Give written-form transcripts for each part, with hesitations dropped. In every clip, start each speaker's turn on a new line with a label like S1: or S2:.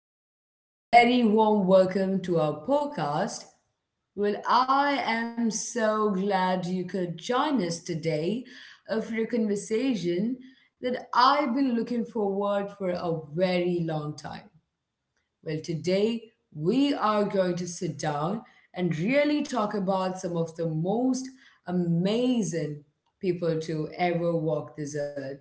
S1: and a very warm welcome to our podcast. Well, I am so glad you could join us today for a conversation that I've been looking forward for a very long time. Well, today we are going to sit down and really talk about some of the most amazing people to ever walk this earth,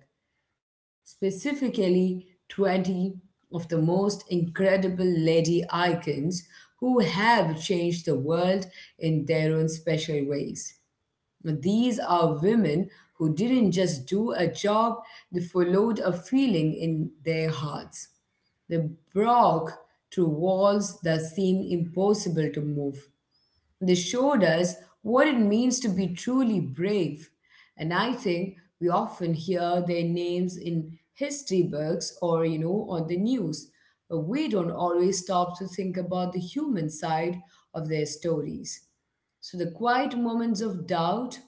S1: specifically 20 of the most incredible lady icons who have changed the world in their own special ways. Now, these are women who didn't just do a job, they followed a feeling in their hearts. They broke through walls that seemed impossible to move. They showed us what it means to be truly brave. And I think we often hear their names in history books or, on the news, but we don't always stop to think about the human side of their stories. So the quiet moments of doubt,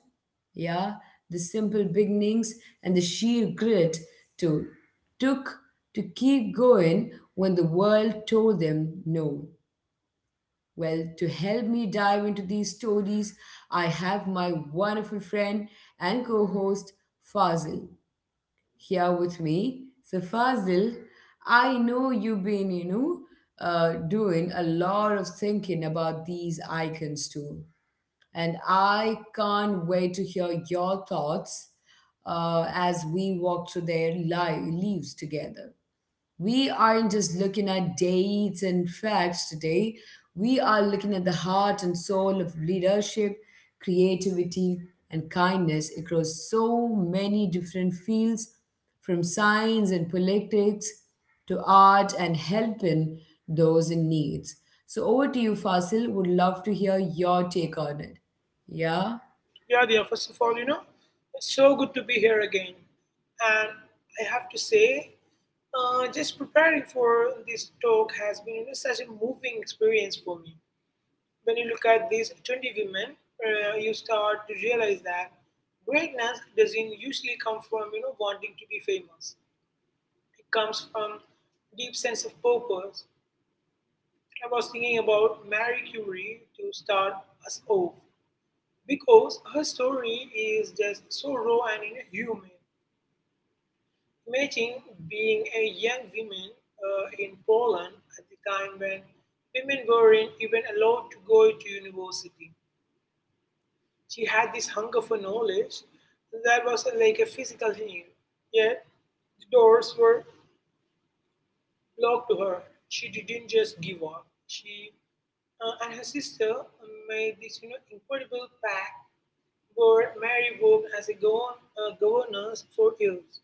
S1: yeah, the simple beginnings and the sheer grit to took to keep going when the world told them no. Well, to help me dive into these stories, I have my wonderful friend and co host Fazil here with me. So, Fazil, I know you've been, doing a lot of thinking about these icons too. And I can't wait to hear your thoughts as we walk through their leaves together. We aren't just looking at dates and facts today. We are looking at the heart and soul of leadership, creativity, and kindness across so many different fields, from science and politics to art and helping those in need. So, over to you, Fasil. Would love to hear your take on it. Yeah?
S2: Yeah, dear, first of all, it's so good to be here again. And I have to say, just preparing for this talk has been such a moving experience for me. When you look at these 20 women, you start to realize that greatness doesn't usually come from wanting to be famous. It comes from deep sense of purpose. I was thinking about Marie Curie to start us off because her story is just so raw and human. Imagine being a young woman in Poland at the time when women weren't even allowed to go to university. She had this hunger for knowledge that was like a physical need, yet the doors were locked to her. She didn't just give up. She and her sister made this incredible pact where Mary worked as a governess for years,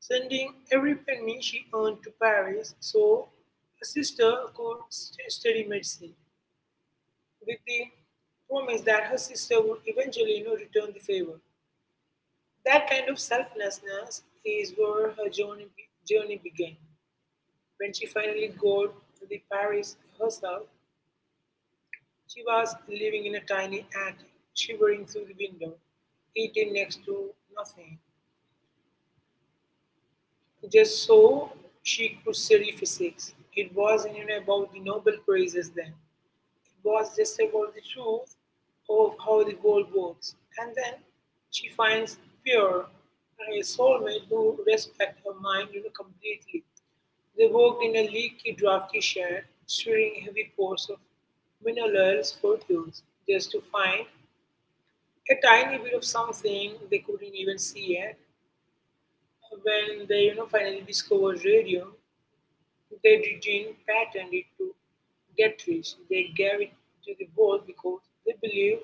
S2: sending every penny she earned to Paris so her sister could study medicine, with the promise that her sister would eventually return the favor. That kind of selflessness is where her journey began. When she finally got the Paris herself, she was living in a tiny attic, shivering through the window, eating next to nothing. Just so she could study physics. It wasn't even about the Nobel Prizes then. It was just about the truth of how the world works. And then she finds pure a soulmate who respects her mind completely. They worked in a leaky, drafty shed, stirring heavy pours of minerals for years, just to find a tiny bit of something they couldn't even see yet. When they finally discovered radium, they didn't patent it to get rich, they gave it to the world because they believe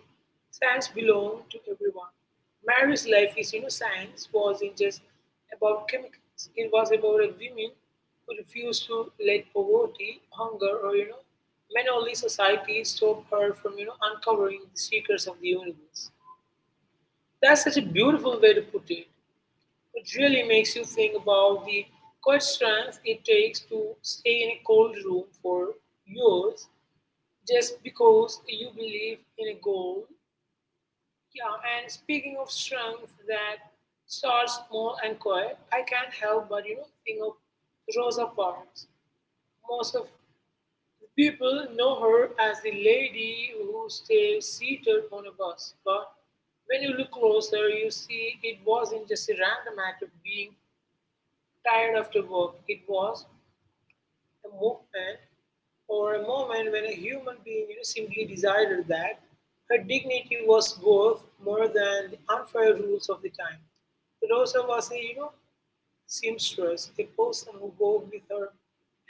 S2: science belongs to everyone. Mary's life is, science wasn't just about chemicals. It was about a woman who refused to let poverty, hunger, or man-only society stop her from uncovering the secrets of the universe. That's such a beautiful way to put it. It really makes you think about the quiet strength it takes to stay in a cold room for years just because you believe in a goal. Yeah, and speaking of strength that starts small and quiet, I can't help but think of Rosa Parks. Most of the people know her as the lady who stays seated on a bus, but when you look closer, you see it wasn't just a random act of being tired after work. It was a movement or a moment when a human being simply decided that her dignity was worth more than the unfair rules of the time. Rosa was a seamstress, a person who wove with her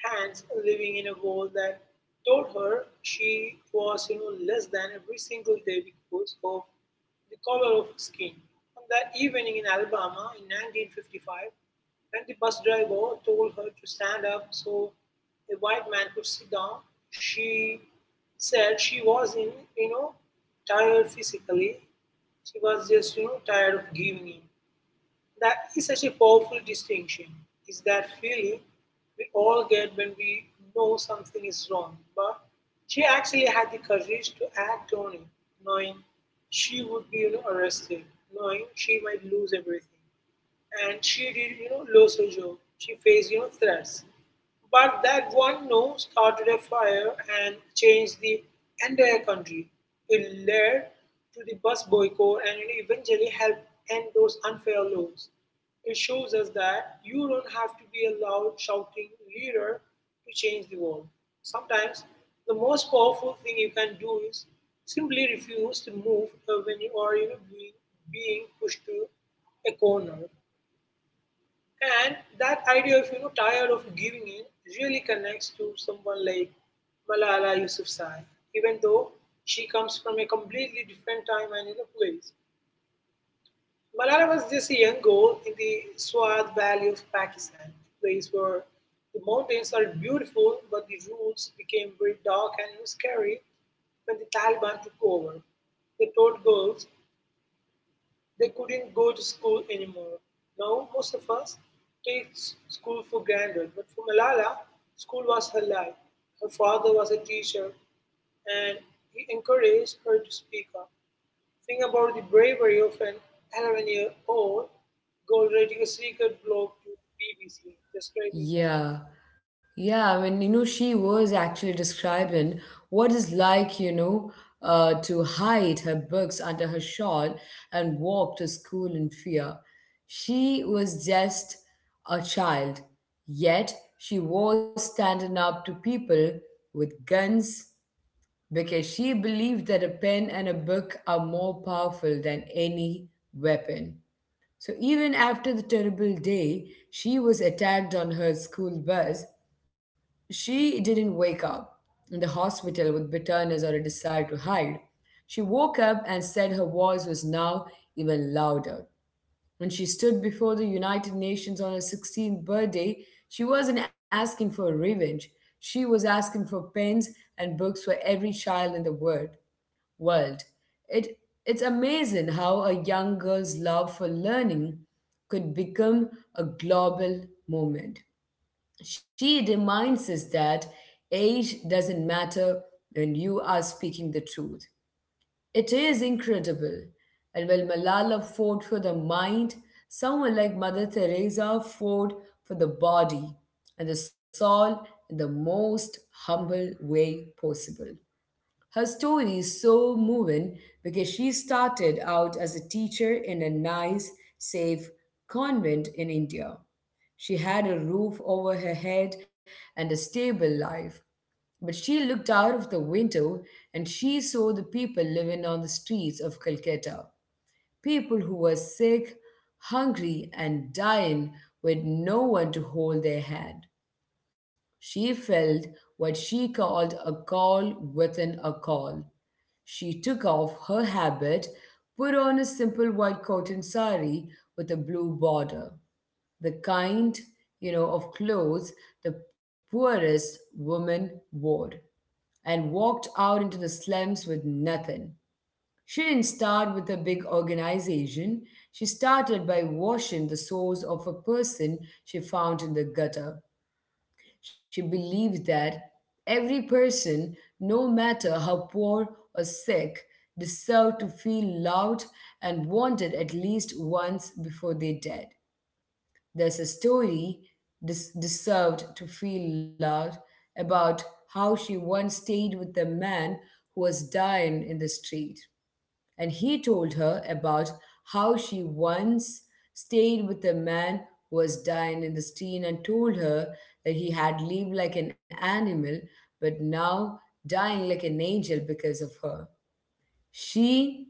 S2: hands, living in a world that told her she was less than every single day because of the color of her skin. On that evening in Alabama in 1955, when the bus driver told her to stand up so a white man could sit down, she said she was in, you know, tired physically. She was just tired of giving in. That is such a powerful distinction, is that feeling we all get when we know something is wrong. But she actually had the courage to act on it, knowing she would be arrested, knowing she might lose everything and she did lose her job. She faced threats, but that one no started a fire and changed the entire country. It led to the bus boycott and eventually helped end those unfair laws. It shows us that you don't have to be a loud shouting leader to change the world. Sometimes the most powerful thing you can do is simply refuse to move when you are being pushed to a corner. And that idea of tired of giving in really connects to someone like Malala Yousafzai, even though she comes from a completely different time and place. Malala was just a young girl in the Swat Valley of Pakistan, a place where the mountains are beautiful, but the roads became very dark and scary when the Taliban took over. They taught girls they couldn't go to school anymore. Now most of us take school for granted, but for Malala, school was her life. Her father was a teacher, and he encouraged her to speak up. Think about the bravery of an 11-year-old year old girl writing a secret blog to BBC describing that.
S1: Yeah, yeah. I mean, she was actually describing what it's like, to hide her books under her shawl and walk to school in fear. She was just a child, yet she was standing up to people with guns because she believed that a pen and a book are more powerful than any weapon. So even after the terrible day she was attacked on her school bus, she didn't wake up in the hospital with bitterness or a desire to hide. She woke up and said her voice was now even louder. When she stood before the United Nations on her 16th birthday, she wasn't asking for revenge. She was asking for pens and books for every child in the world. It, it's amazing how a young girl's love for learning could become a global movement. She reminds us that age doesn't matter when you are speaking the truth. It is incredible. And while Malala fought for the mind, someone like Mother Teresa fought for the body and the soul in the most humble way possible. Her story is so moving because she started out as a teacher in a nice, safe convent in India. She had a roof over her head and a stable life. But she looked out of the window and she saw the people living on the streets of Calcutta. People who were sick, hungry, and dying with no one to hold their hand. She felt what she called a call within a call. She took off her habit, put on a simple white cotton sari with a blue border, the kind of clothes the poorest woman wore, and walked out into the slums with nothing. She didn't start with a big organization. She started by washing the soles of a person she found in the gutter. She believed that every person, no matter how poor or sick, deserved to feel loved and wanted at least once before they died. There's a story deserved to feel loved about how she once stayed with a man who was dying in the street and he told her about how she once stayed with a man who was dying in the street and told her that he had lived like an animal but now dying like an angel because of her. She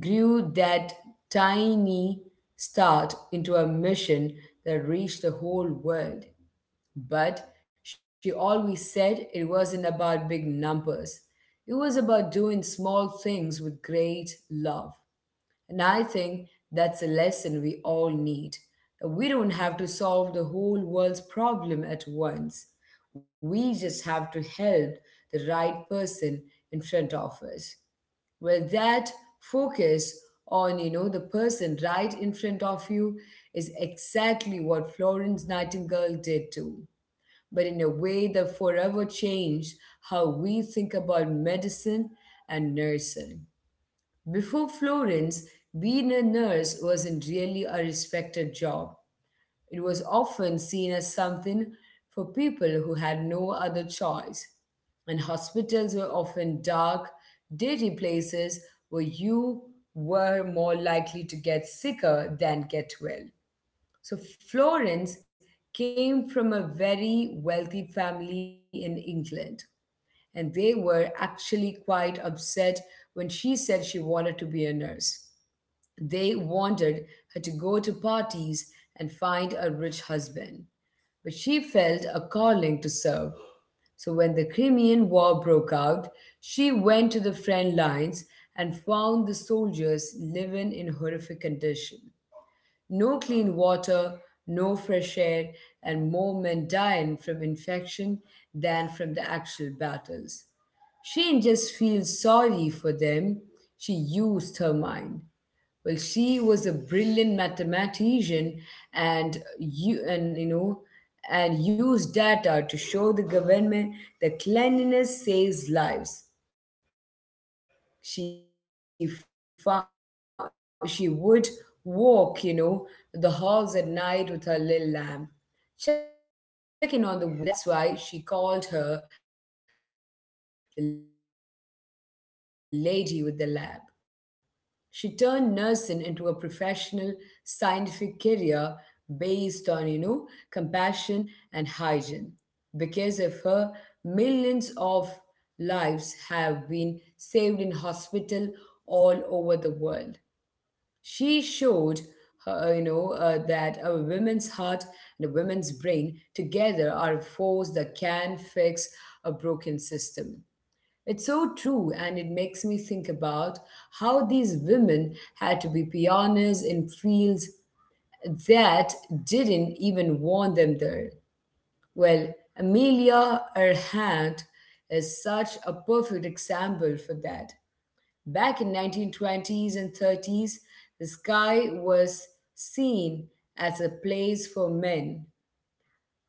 S1: grew that tiny start into a mission that reached the whole world. But she always said it wasn't about big numbers. It was about doing small things with great love. And I think that's a lesson we all need. We don't have to solve the whole world's problem at once. We just have to help the right person in front of us. Well, that focus on, the person right in front of you is exactly what Florence Nightingale did too. But in a way that forever changed how we think about medicine and nursing. Before Florence, being a nurse wasn't really a respected job. It was often seen as something for people who had no other choice. And hospitals were often dark, dirty places where you were more likely to get sicker than get well. So Florence came from a very wealthy family in England, and they were actually quite upset when she said she wanted to be a nurse. They wanted her to go to parties and find a rich husband. But she felt a calling to serve. So when the Crimean War broke out, she went to the front lines and found the soldiers living in horrific condition. No clean water, no fresh air, and more men dying from infection than from the actual battles. She didn't just feel sorry for them, she used her mind. Well, she was a brilliant mathematician and and used data to show the government that cleanliness saves lives. She found, she would walk, the halls at night with her little lamp, checking on the wounded when everyone else was asleep. Well, that's why she called her the lady with the lamp. She turned nursing into a professional scientific career based on, compassion and hygiene. Because of her, millions of lives have been saved in hospital all over the world. She showed her, that a woman's heart and a woman's brain together are a force that can fix a broken system. It's so true, and it makes me think about how these women had to be pioneers in fields that didn't even want them there. Well, Amelia Earhart is such a perfect example for that. Back in 1920s and 30s, the sky was seen as a place for men,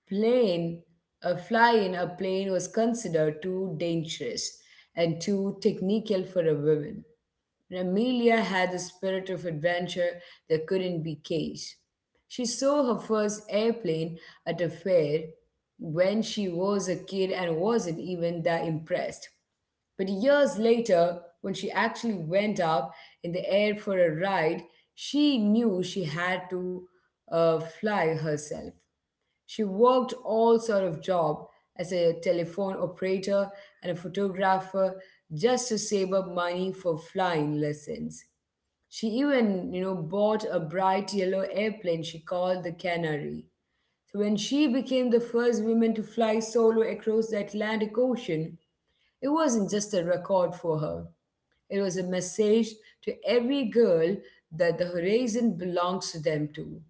S1: plane, a fly in a plane was considered too dangerous and too technical for a woman. And Amelia had the spirit of adventure that couldn't be caged. She saw her first airplane at a fair when she was a kid and wasn't even that impressed. But years later, when she actually went up in the air for a ride, she knew she had to fly herself. She worked all sort of job as a telephone operator and a photographer just to save up money for flying lessons. She even, bought a bright yellow airplane she called the Canary. So when she became the first woman to fly solo across the Atlantic Ocean, it wasn't just a record for her. It was a message to every girl that the horizon belongs to them too.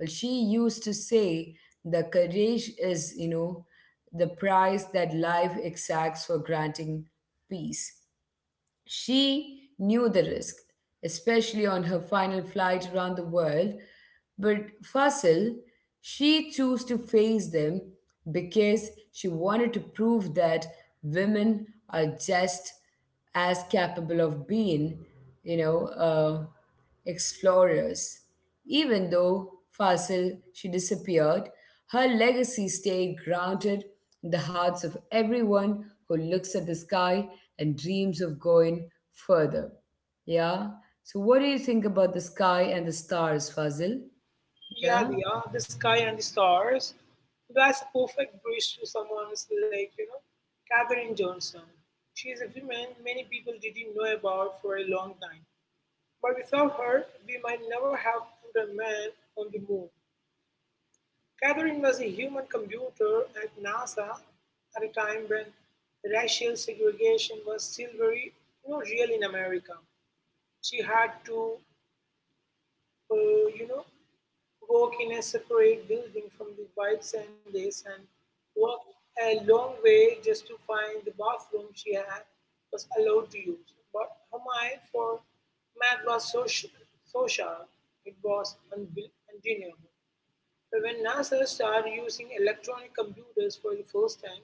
S1: Well, she used to say the courage is, the price that life exacts for granting peace. She knew the risk, especially on her final flight around the world. But Fasil, she chose to face them because she wanted to prove that women are just as capable of being, you know, uh, explorers. Even though Fasil she disappeared, her legacy stayed grounded in the hearts of everyone who looks at the sky and dreams of going further. Yeah. So, what do you think about the sky and the stars, Fazil?
S2: Yeah,
S1: Yeah,
S2: yeah, the sky and the stars. That's a perfect bridge to someone who's like Katherine Johnson. She is a woman many people didn't know about for a long time. But without her, we might never have put a man on the moon. Katherine was a human computer at NASA at a time when racial segregation was still very, real in America. She had to, uh, you know, walk in a separate building from the White Sands and walk a long way just to find the bathroom she had was allowed to use. But her mind for math was so sharp, it was undeniable. So, when NASA started using electronic computers for the first time,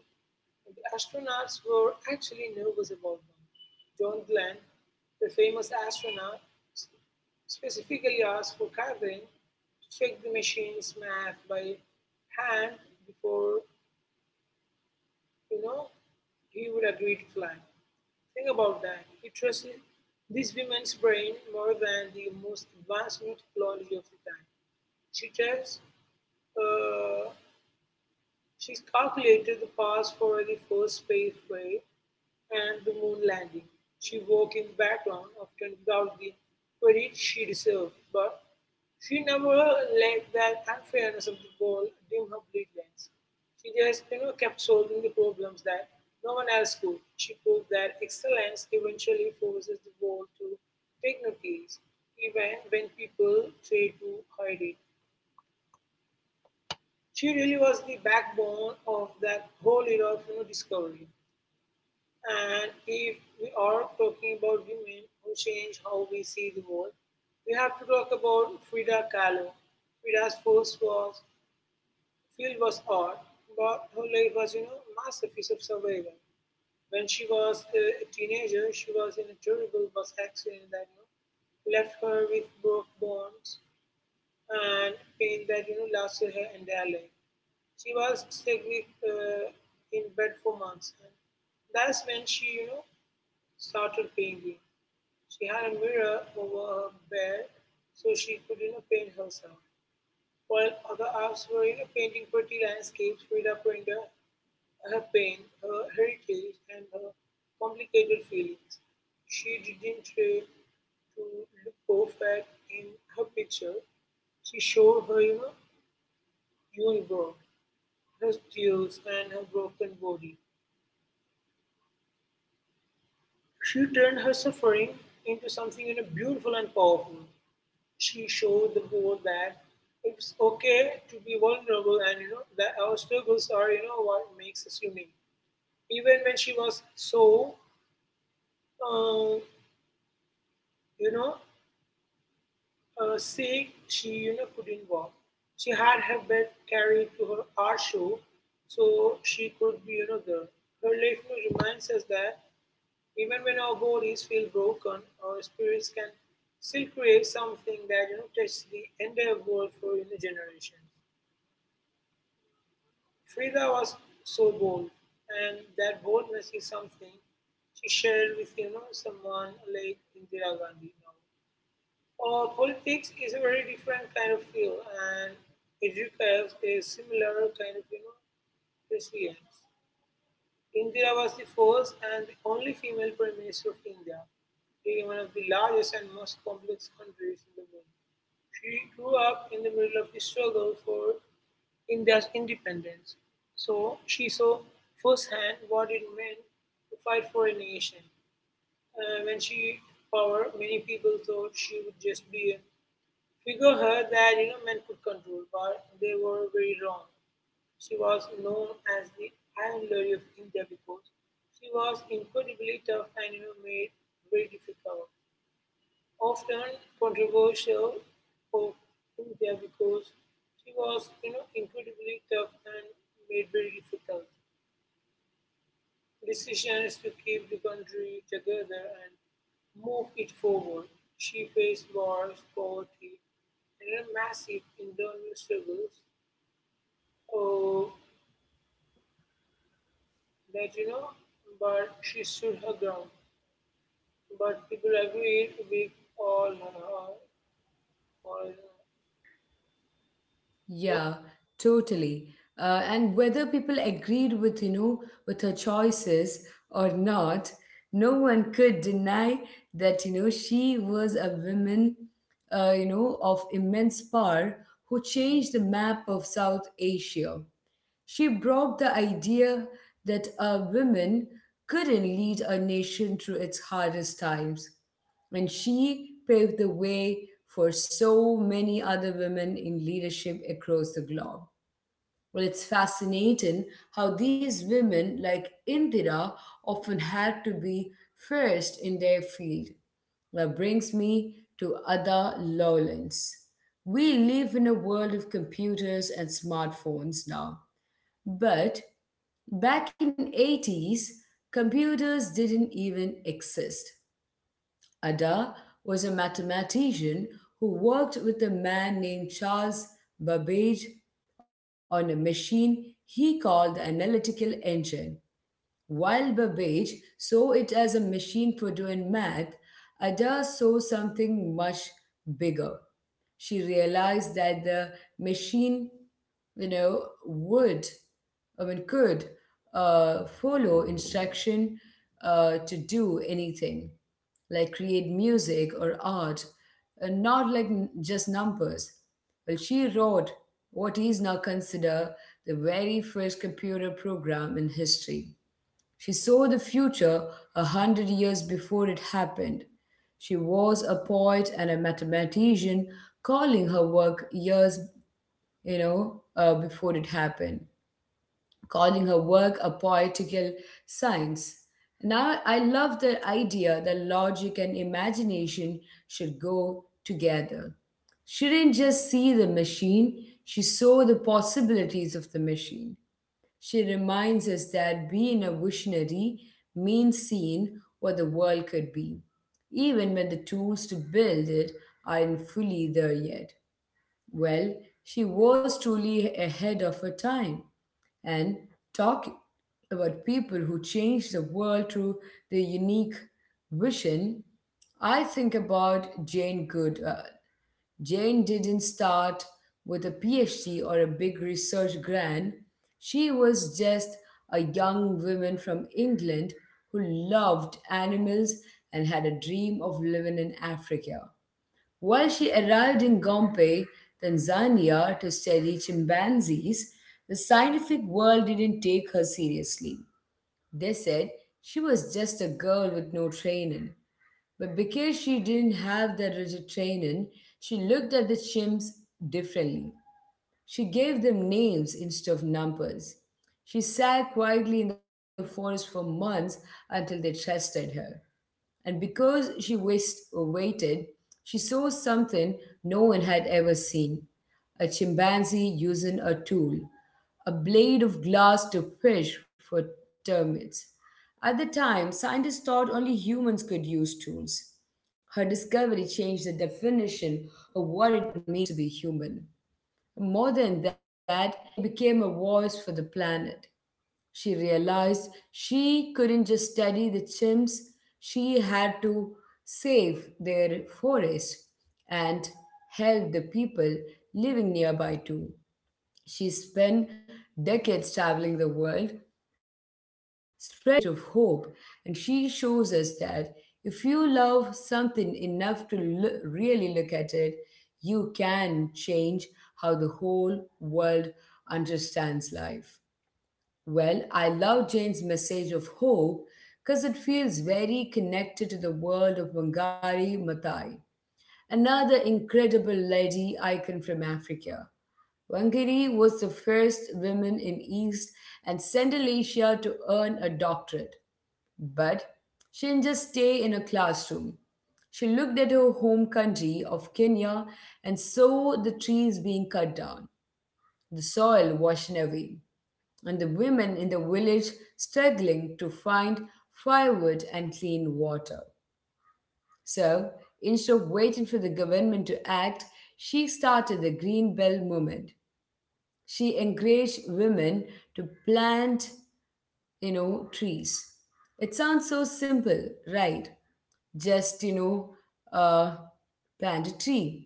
S2: the astronauts were actually nervous about them. John Glenn, the famous astronaut, specifically asked for Catherine to check the machine's math by hand before, you know, he would agree to fly. Think about that. He trusted this woman's brain more than the most advanced new technology of the time. She tells. Uh, She's calculated the paths for the first space flight and the moon landing. She worked in the background, often without the credit she deserved, but she never let that unfairness of the world dim her brilliance. She just kept solving the problems that no one else could. She proved that excellence eventually forces the world to take notice, even when people try to hide it. She really was the backbone of that whole era of discovery. And if we are talking about women who change how we see the world, we have to talk about Frida Kahlo. Frida's first was field was art, but her life was masterpiece of survival. When she was a teenager, she was in a terrible bus accident that left her with broke bones and pain that lasted her entire life. She was sick in bed for months, and that's when she started painting. She had a mirror over her bed so she could paint herself. While other artists were painting pretty landscapes, Frida painted her pain, her heritage, and her complicated feelings. She didn't try to look perfect in her picture. She showed her universe, her tears, and her broken body. She turned her suffering into something beautiful and powerful. She showed the world that it's okay to be vulnerable and that our struggles are what makes us unique. Even when she was so uh, you know sick, she couldn't walk. She had her bed carried to her art show so she could be there. Her life reminds us that even when our bodies feel broken, our spirits can still create something that touches the entire world for generations. Frida was so bold, and that boldness is something she shared with someone like Indira Gandhi. Now, or politics is a very different kind of field, and it requires a similar kind of resilience. Indira was the first and the only female Prime Minister of India, being one of the largest and most complex countries in the world. She grew up in the middle of the struggle for India's independence, so she saw firsthand what it meant to fight for a nation. When she power, many people thought she would just be a figurehead that men could control, but they were very wrong. She was known as the "Iron Lady of India" because she was incredibly tough and made very difficult, often controversial for India because she was incredibly tough and made very difficult decisions to keep the country together and move it forward. She faced wars, poverty, and massive internal struggles. Uh, that you know, but she stood her ground. But people agreed with all her. All, know,
S1: yeah, totally. And whether people agreed with, with her choices or not, no one could deny that, she was a woman, of immense power who changed the map of South Asia. She broke the idea that a woman couldn't lead a nation through its hardest times, and she paved the way for so many other women in leadership across the globe. Well, it's fascinating how these women, like Indira, often had to be first in their field. That brings me to Ada Lovelace. We live in a world of computers and smartphones now, but back in 80s, computers didn't even exist. Ada was a mathematician who worked with a man named Charles Babbage on a machine he called the analytical engine. While Babbage saw it as a machine for doing math, Ada saw something much bigger. She realized that the machine, you know, would, I mean, could follow instruction to do anything, like create music or art, and not like just numbers. Well, she wrote what is now considered the very first computer program in history. She saw the future 100 years before it happened. She was a poet and a mathematician, calling her work years, before it happened, calling her work a poetical science. Now, I love the idea that logic and imagination should go together. She didn't just see the machine, she saw the possibilities of the machine. She reminds us that being a visionary means seeing what the world could be, even when the tools to build it aren't fully there yet. Well, she was truly ahead of her time and talk about people who changed the world through their unique vision. I think about Jane Good, Jane didn't start with a PhD or a big research grant. She was just a young woman from England who loved animals and had a dream of living in Africa. While she arrived in Gombe, Tanzania, to study chimpanzees, the scientific world didn't take her seriously. They said she was just a girl with no training. But because she didn't have that rigid training, she looked at the chimps differently. She gave them names instead of numbers. She sat quietly in the forest for months until they trusted her. And because she wished or waited, she saw something no one had ever seen a chimpanzee using a tool, a blade of glass to fish for termites. At the time, scientists thought only humans could use tools. Her discovery changed the definition of what it means to be human. More than that, Jane became a voice for the planet. She realized she couldn't just study the chimps, she had to save their forest and help the people living nearby too. She spent decades traveling the world, spreading a message of hope, and she shows us that if you love something enough to really look at it, you can change how the whole world understands life. Well, I love Jane's message of hope because it feels very connected to the world of Wangari Maathai, another incredible lady icon from Africa. Wangari was the first woman in East and Central Asia to earn a doctorate, but she didn't just stay in a classroom. She looked at her home country of Kenya and saw the trees being cut down, the soil washed away, and the women in the village struggling to find firewood and clean water. So, instead of waiting for the government to act, she started the Green Belt movement. She encouraged women to plant, trees. It sounds so simple, right? Just, you know, uh, Plant a tree.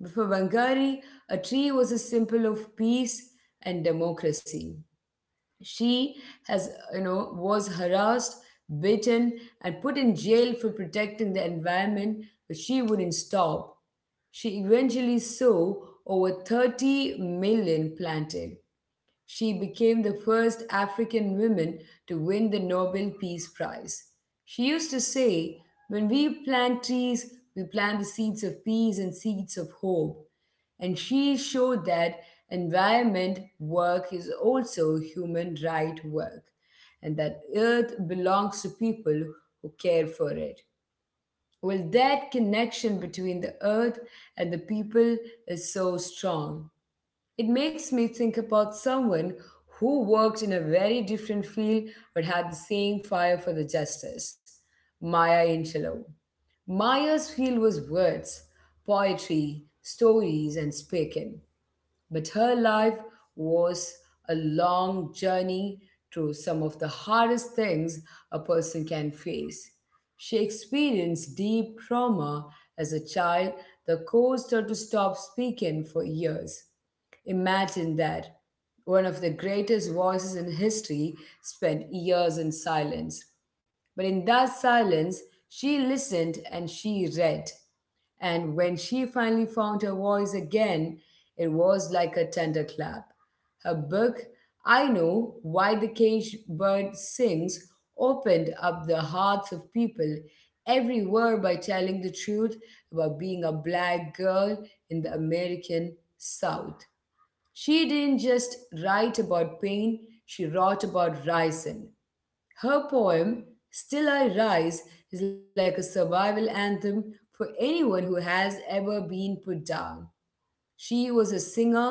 S1: But for Wangari, a tree was a symbol of peace and democracy. She was harassed, beaten, and put in jail for protecting the environment, but she wouldn't stop. She eventually saw over 30 million planted. She became the first African woman to win the Nobel Peace Prize. She used to say, when we plant trees, we plant the seeds of peace and seeds of hope. And she showed that environment work is also human right work and that earth belongs to people who care for it. Well, that connection between the earth and the people is so strong. It makes me think about someone who worked in a very different field but had the same fire for the justice Maya Angelou. Maya's field was words, poetry, stories, and speaking, but her life was a long journey through some of the hardest things a person can face. She experienced deep trauma as a child that caused her to stop speaking for years. Imagine that. One of the greatest voices in history spent years in silence. But in that silence, she listened and she read. And when she finally found her voice again, it was like a thunderclap. Her book, I Know Why the Caged Bird Sings, opened up the hearts of people everywhere by telling the truth about being a black girl in the American South. She didn't just write about pain, she wrote about rising. Her poem, Still I Rise, is like a survival anthem for anyone who has ever been put down. She was a singer,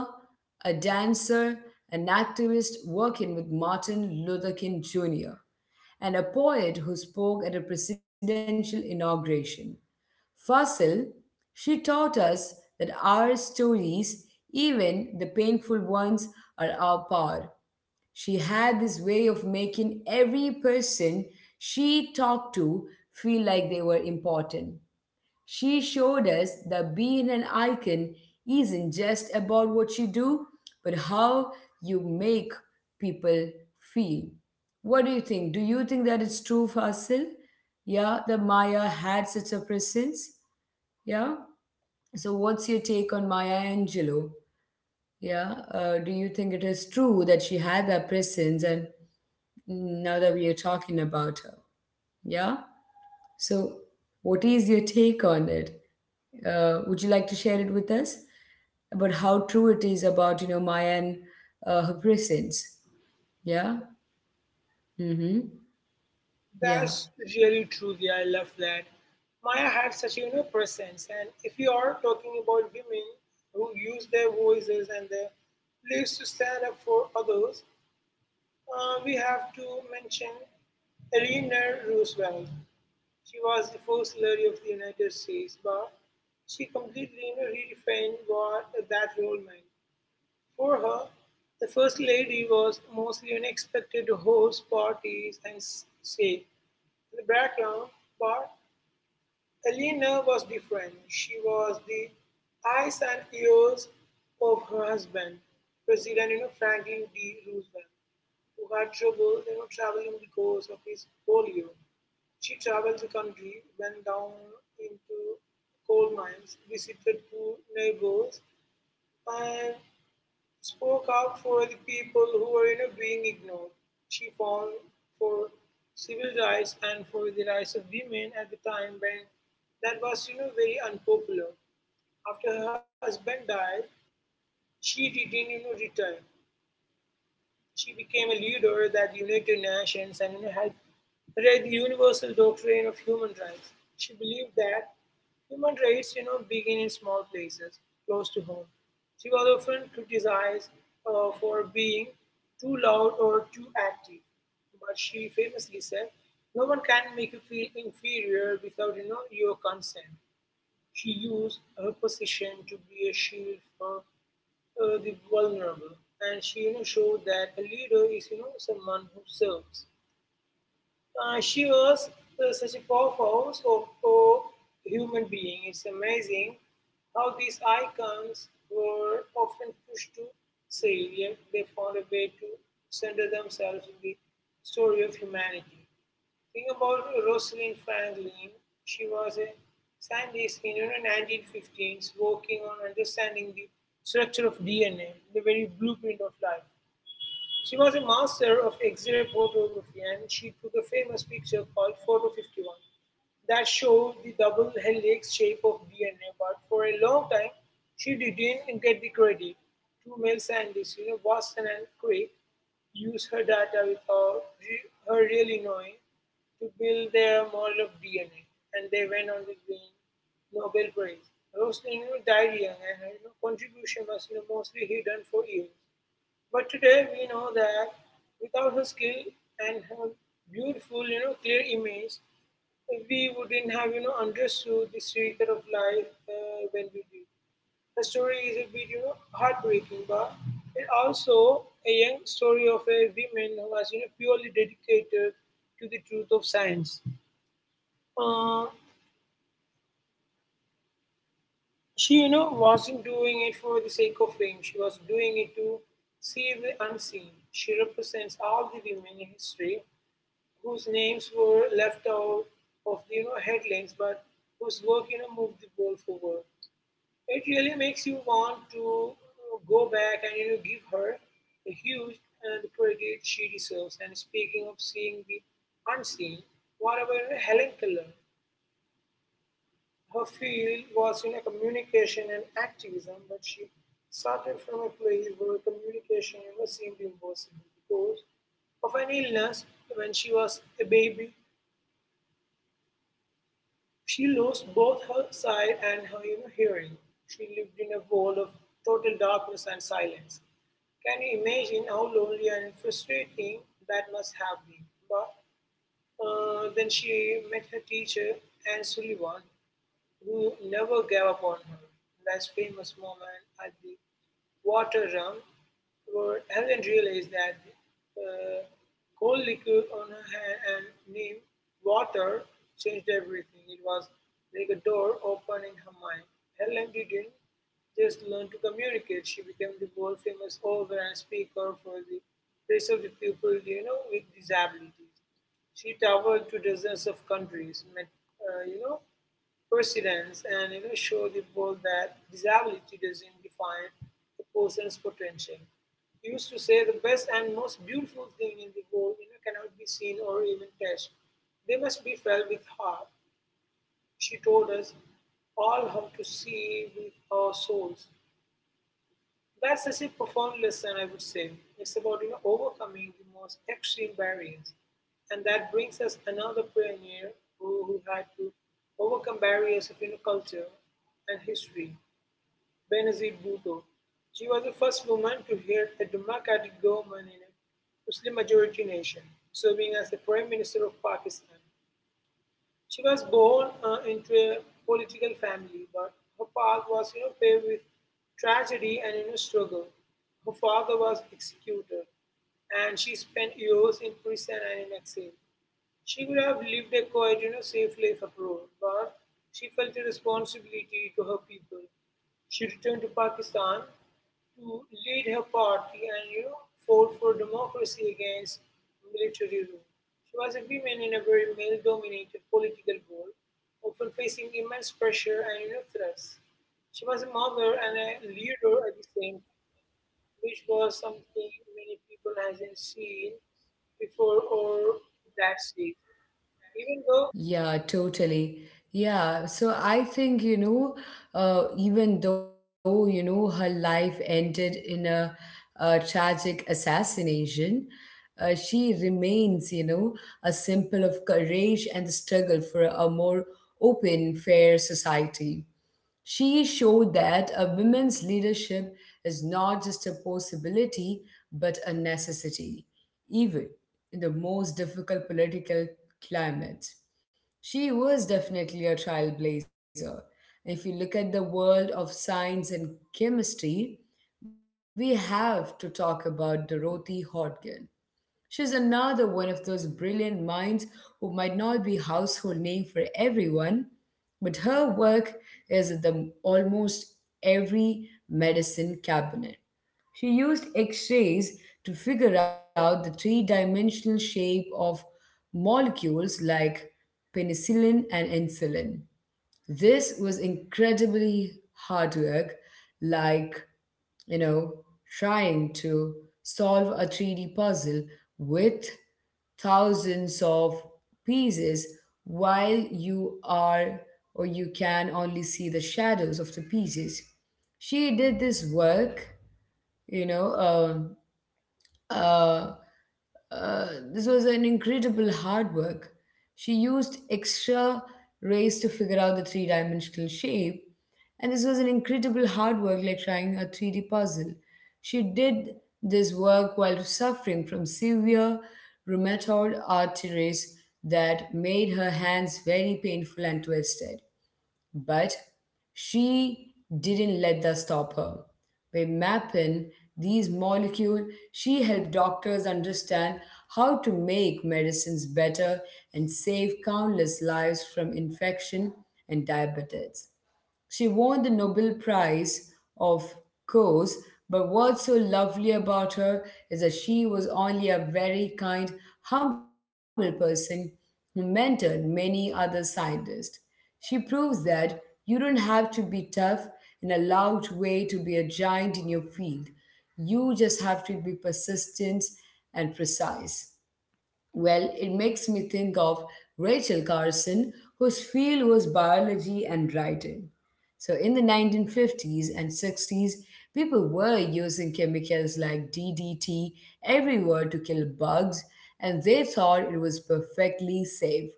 S1: a dancer, an activist working with Martin Luther King Jr., and a poet who spoke at a presidential inauguration. Fossil, she taught us that our stories, even the painful ones, are our power. She had this way of making every person she talked to feel like they were important. She showed us that being an icon isn't just about what you do, but how you make people feel. What do you think? Do you think that it's true, Fasil? Yeah, that Maya had such a presence? Yeah. So, what's your take on Maya Angelou? Yeah. Do you think it is true that she had that presence and now that we are talking about her? Yeah. So, what is your take on it? Would you like to share it with us about how true it is about, Maya and her presence? Yeah. Mm-hmm. Yeah.
S2: that's really true. Yeah, I love that. Maya had such a presence, and if you are talking about women who use their voices and their lives to stand up for others, we have to mention Eleanor Roosevelt. She was the first lady of the United States, but she completely redefined what that role meant. For her, the First Lady was mostly expected to host parties and say "in the background," but Eleanor was different. She was the eyes and ears of her husband, President Franklin D. Roosevelt, who had trouble traveling because of his polio. She traveled the country, went down into coal mines, visited poor neighbors, and spoke up for the people who were being ignored. She fought for civil rights and for the rights of women at the time when that was very unpopular. After her husband died, she didn't return. She became a leader of that united nations and had read the universal doctrine of human rights. She believed that human rights, begin in small places, close to home. She was often criticized for being too loud or too active, but she famously said, "No one can make you feel inferior without your consent." She used her position to be a shield for the vulnerable, and she showed that a leader is someone who serves. She was such a powerhouse of a human being. It's amazing how these icons were often pushed to say, yet they found a way to center themselves in the story of humanity. Think about Rosalind Franklin. She was a scientist in 1915s working on understanding the structure of DNA, the very blueprint of life. She was a master of X ray photography and she took a famous picture called Photo 51 that showed the double helix shape of DNA. But for a long time, she didn't get the credit. Two male scientists, Watson and Crick, used her data without her really knowing to build their model of DNA, and they went on to win Nobel Prize. Rosalind died young, and her contribution was mostly hidden for years. But today we know that without her skill and her beautiful, clear image, we wouldn't have understood the secret of life when we did. The story is a bit heartbreaking, but it also a young story of a woman who was purely dedicated to the truth of science. Uh, she wasn't doing it for the sake of fame. She was doing it to see the unseen. She represents all the women in history whose names were left out of the headlines, but whose work moved the ball forward. It really makes you want to go back and give her the huge and the credit she deserves. And speaking of seeing the unseen, what about Helen Keller? Her field was communication and activism, but she started from a place where communication seemed impossible because of an illness when she was a baby. She lost both her sight and her hearing. She lived in a world of total darkness and silence. Can you imagine how lonely and frustrating that must have been? But then she met her teacher, Anne Sullivan, who never gave up on her. Less famous moment at the water run where Helen realized that the uh, cold liquid on her hand and named water changed everything. It was like a door open in her mind. Helen didn't just learn to communicate, she became the world famous author and speaker for the rest of the people, with disabilities. She traveled to dozens of countries, met, uh, you know, perseverance and show the world that disability doesn't define a person's potential. He used to say the best and most beautiful thing in the world cannot be seen or even touched. They must be felt with heart. She told us all how to see with our souls. That's such a profound lesson, I would say. It's about overcoming the most extreme barriers. And that brings us another pioneer who had to overcome barriers of culture and history, Benazir Bhutto. She was the first woman to hear a democratic government in a Muslim majority nation, serving as the Prime Minister of Pakistan. She was born into a political family, but her path was paved with tragedy and struggle. Her father was executed, and she spent years in prison and in exile. She could have lived a quiet, safe life abroad, but she felt a responsibility to her people. She returned to Pakistan to lead her party and fought for democracy against military rule. She was a woman in a very male-dominated political world, often facing immense pressure and threats. She was a mother and a leader at the same time, which was something many people hasn't seen before or that seen even though
S1: Yeah, totally. Yeah, so I think, even though, her life ended in a tragic assassination, she remains, a symbol of courage and the struggle for a more open, fair society. She showed that a women's leadership is not just a possibility, but a necessity, even in the most difficult political climate. She was definitely a trailblazer. If you look at the world of science and chemistry, we have to talk about Dorothy Hodgkin. She's another one of those brilliant minds who might not be household name for everyone, but her work is in the almost every medicine cabinet. She used X-rays to figure out the three-dimensional shape of molecules like penicillin and insulin. This was incredibly hard work, like you know, trying to solve a 3D puzzle with thousands of pieces while you are or you can only see the shadows of the pieces. She did this work, you know, um uh, uh, this was an incredible hard work. She used extra rays to figure out the three dimensional shape, and this was an incredible hard work like trying a 3D puzzle. She did this work while suffering from severe rheumatoid arthritis that made her hands very painful and twisted. But she didn't let that stop her. By mapping these molecules, she helped doctors understand how to make medicines better and save countless lives from infection and diabetes. She won the Nobel Prize, of course, but what's so lovely about her is that she was only a very kind, humble person who mentored many other scientists. She proves that you don't have to be tough in a loud way to be a giant in your field. You just have to be persistent and precise. Well, it makes me think of Rachel Carson, whose field was biology and writing. So, in the 1950s and 60s, people were using chemicals like DDT everywhere to kill bugs, and they thought it was perfectly safe.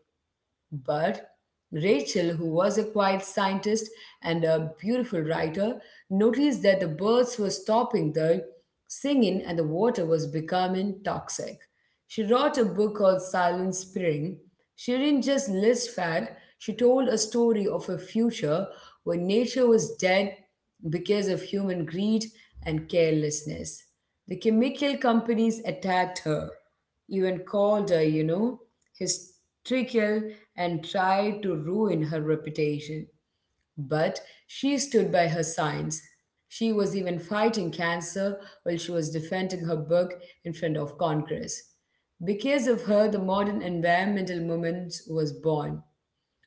S1: But Rachel, who was a quiet scientist and a beautiful writer, noticed that the birds were stopping their singing and the water was becoming toxic. She wrote a book called Silent Spring. She didn't just list facts; she told a story of a future where nature was dead because of human greed and carelessness. The chemical companies attacked her, even called her, hysterical and tried to ruin her reputation. But she stood by her science. She was even fighting cancer while she was defending her book in front of Congress. Because of her, the modern environmental movement was born.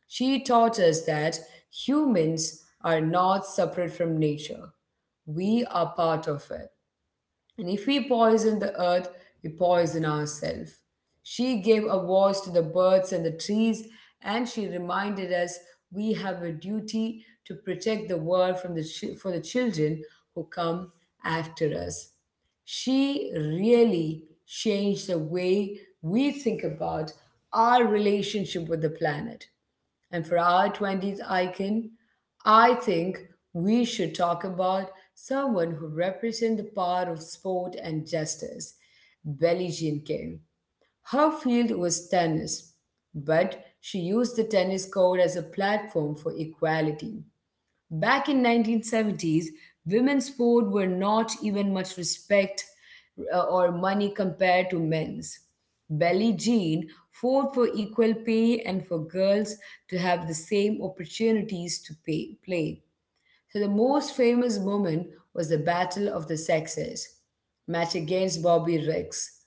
S1: She taught us that humans are not separate from nature, we are part of it. And if we poison the earth, we poison ourselves. She gave a voice to the birds and the trees, and she reminded us we have a duty to protect the world from the for the children who come after us. She really changed the way we think about our relationship with the planet. And for our 20s icon, I think we should talk about someone who represents the power of sport and justice, Belgian King. Her field was tennis, but she used the tennis court as a platform for equality. Back in 1970s, women's sport were not even much respect or money compared to men's. Billie Jean fought for equal pay and for girls to have the same opportunities to pay, play. So the most famous moment was the Battle of the Sexes match against Bobby Riggs,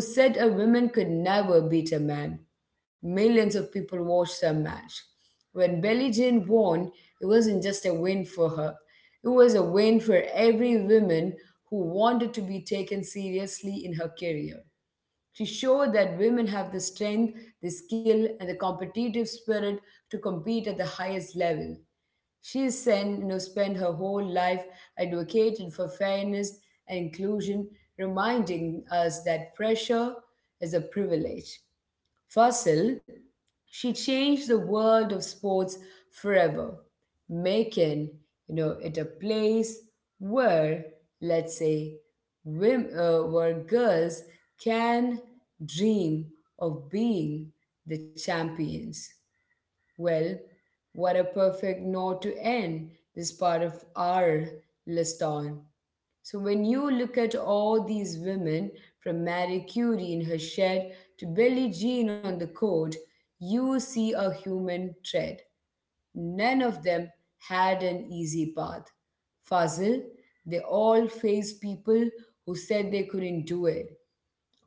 S1: who said a woman could never beat a man. Millions of people watched the match. When Billie Jean won, it wasn't just a win for her. It was a win for every woman who wanted to be taken seriously in her career. She showed that women have the strength, the skill, and the competitive spirit to compete at the highest level. She spent, you know, spent her whole life advocating for fairness and inclusion, reminding us that pressure is a privilege. Fossil, she changed the world of sports forever, making it a place where, let's say, where girls can dream of being the champions. Well, what a perfect note to end this part of our list on. So, when you look at all these women, from Marie Curie in her shed to Billie Jean on the court, you see a human thread. None of them had an easy path. Fazil, they all faced people who said they couldn't do it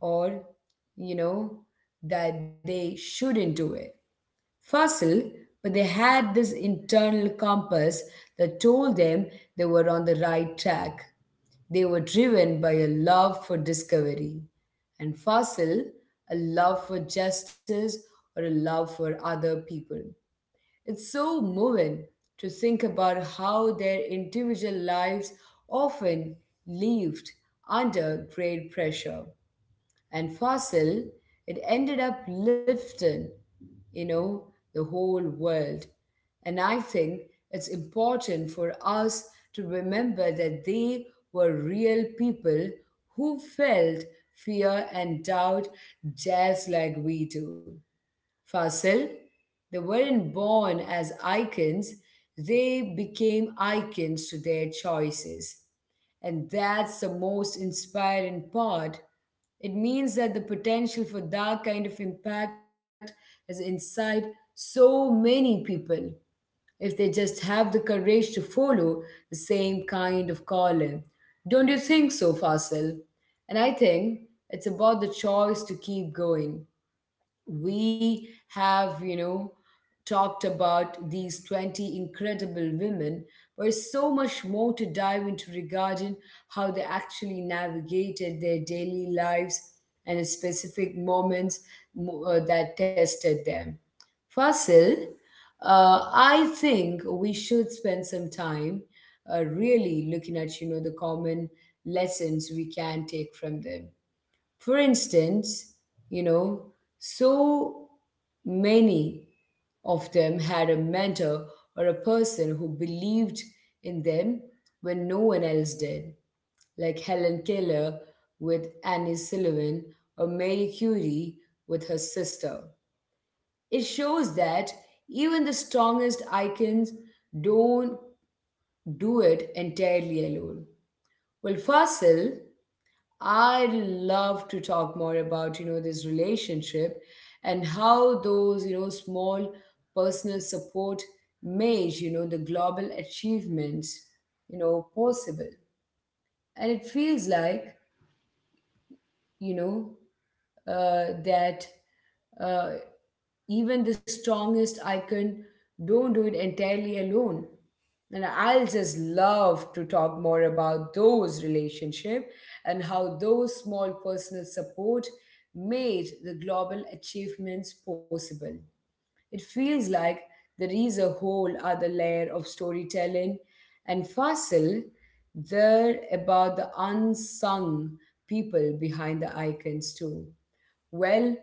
S1: or, you know, that they shouldn't do it fossil, but they had this internal compass that told them they were on the right track. They were driven by a love for discovery. And fossil, a love for justice or a love for other people. It's so moving to think about how their individual lives often lived under great pressure and fossil, it ended up lifting, you know, the whole world. And I think it's important for us to remember that they were real people who felt fear and doubt just like we do. Fasil, they weren't born as icons, they became icons to their choices. And that's the most inspiring part. It means that the potential for that kind of impact is inside so many people if they just have the courage to follow the same kind of calling. Don't you think so, Fasil? And I think it's about the choice to keep going we have, talked about these 20 incredible women. There's so much more to dive into regarding how they actually navigated their daily lives and the specific moments that tested them. Fasil, I think we should spend some time really looking at, the common lessons we can take from them for instance, you know, so many of them had a mentor or a person who believed in them when no one else did, like Helen Keller with Annie Sullivan or Marie Curie with her sister. It shows that even the strongest icons don't do it entirely alone. Well, Fasil, I love to talk more about, this relationship and how those, small personal support made, the global achievements, possible. And it feels like you know, that uh, even the strongest icon don't do it entirely alone. And I'll just love to talk more about those relationship and how those small personal support made the global achievements possible. It feels like there is a whole other layer of storytelling and Fasil there about the unsung people behind the icons too. Well,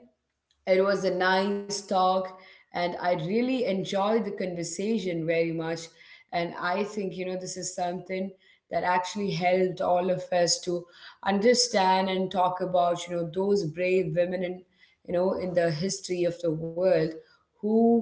S1: it was a nice talk, and I really enjoyed the conversation very much. And I think, this is something that actually helped all of us to understand and talk about, those brave women in, in the history of the world who,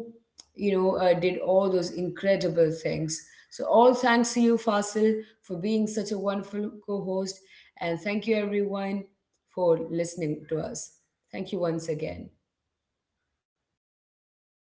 S1: did all those incredible things. So, all thanks to you, Fasil, for being such a wonderful co host. And thank you, everyone, for listening to us. Thank you once again.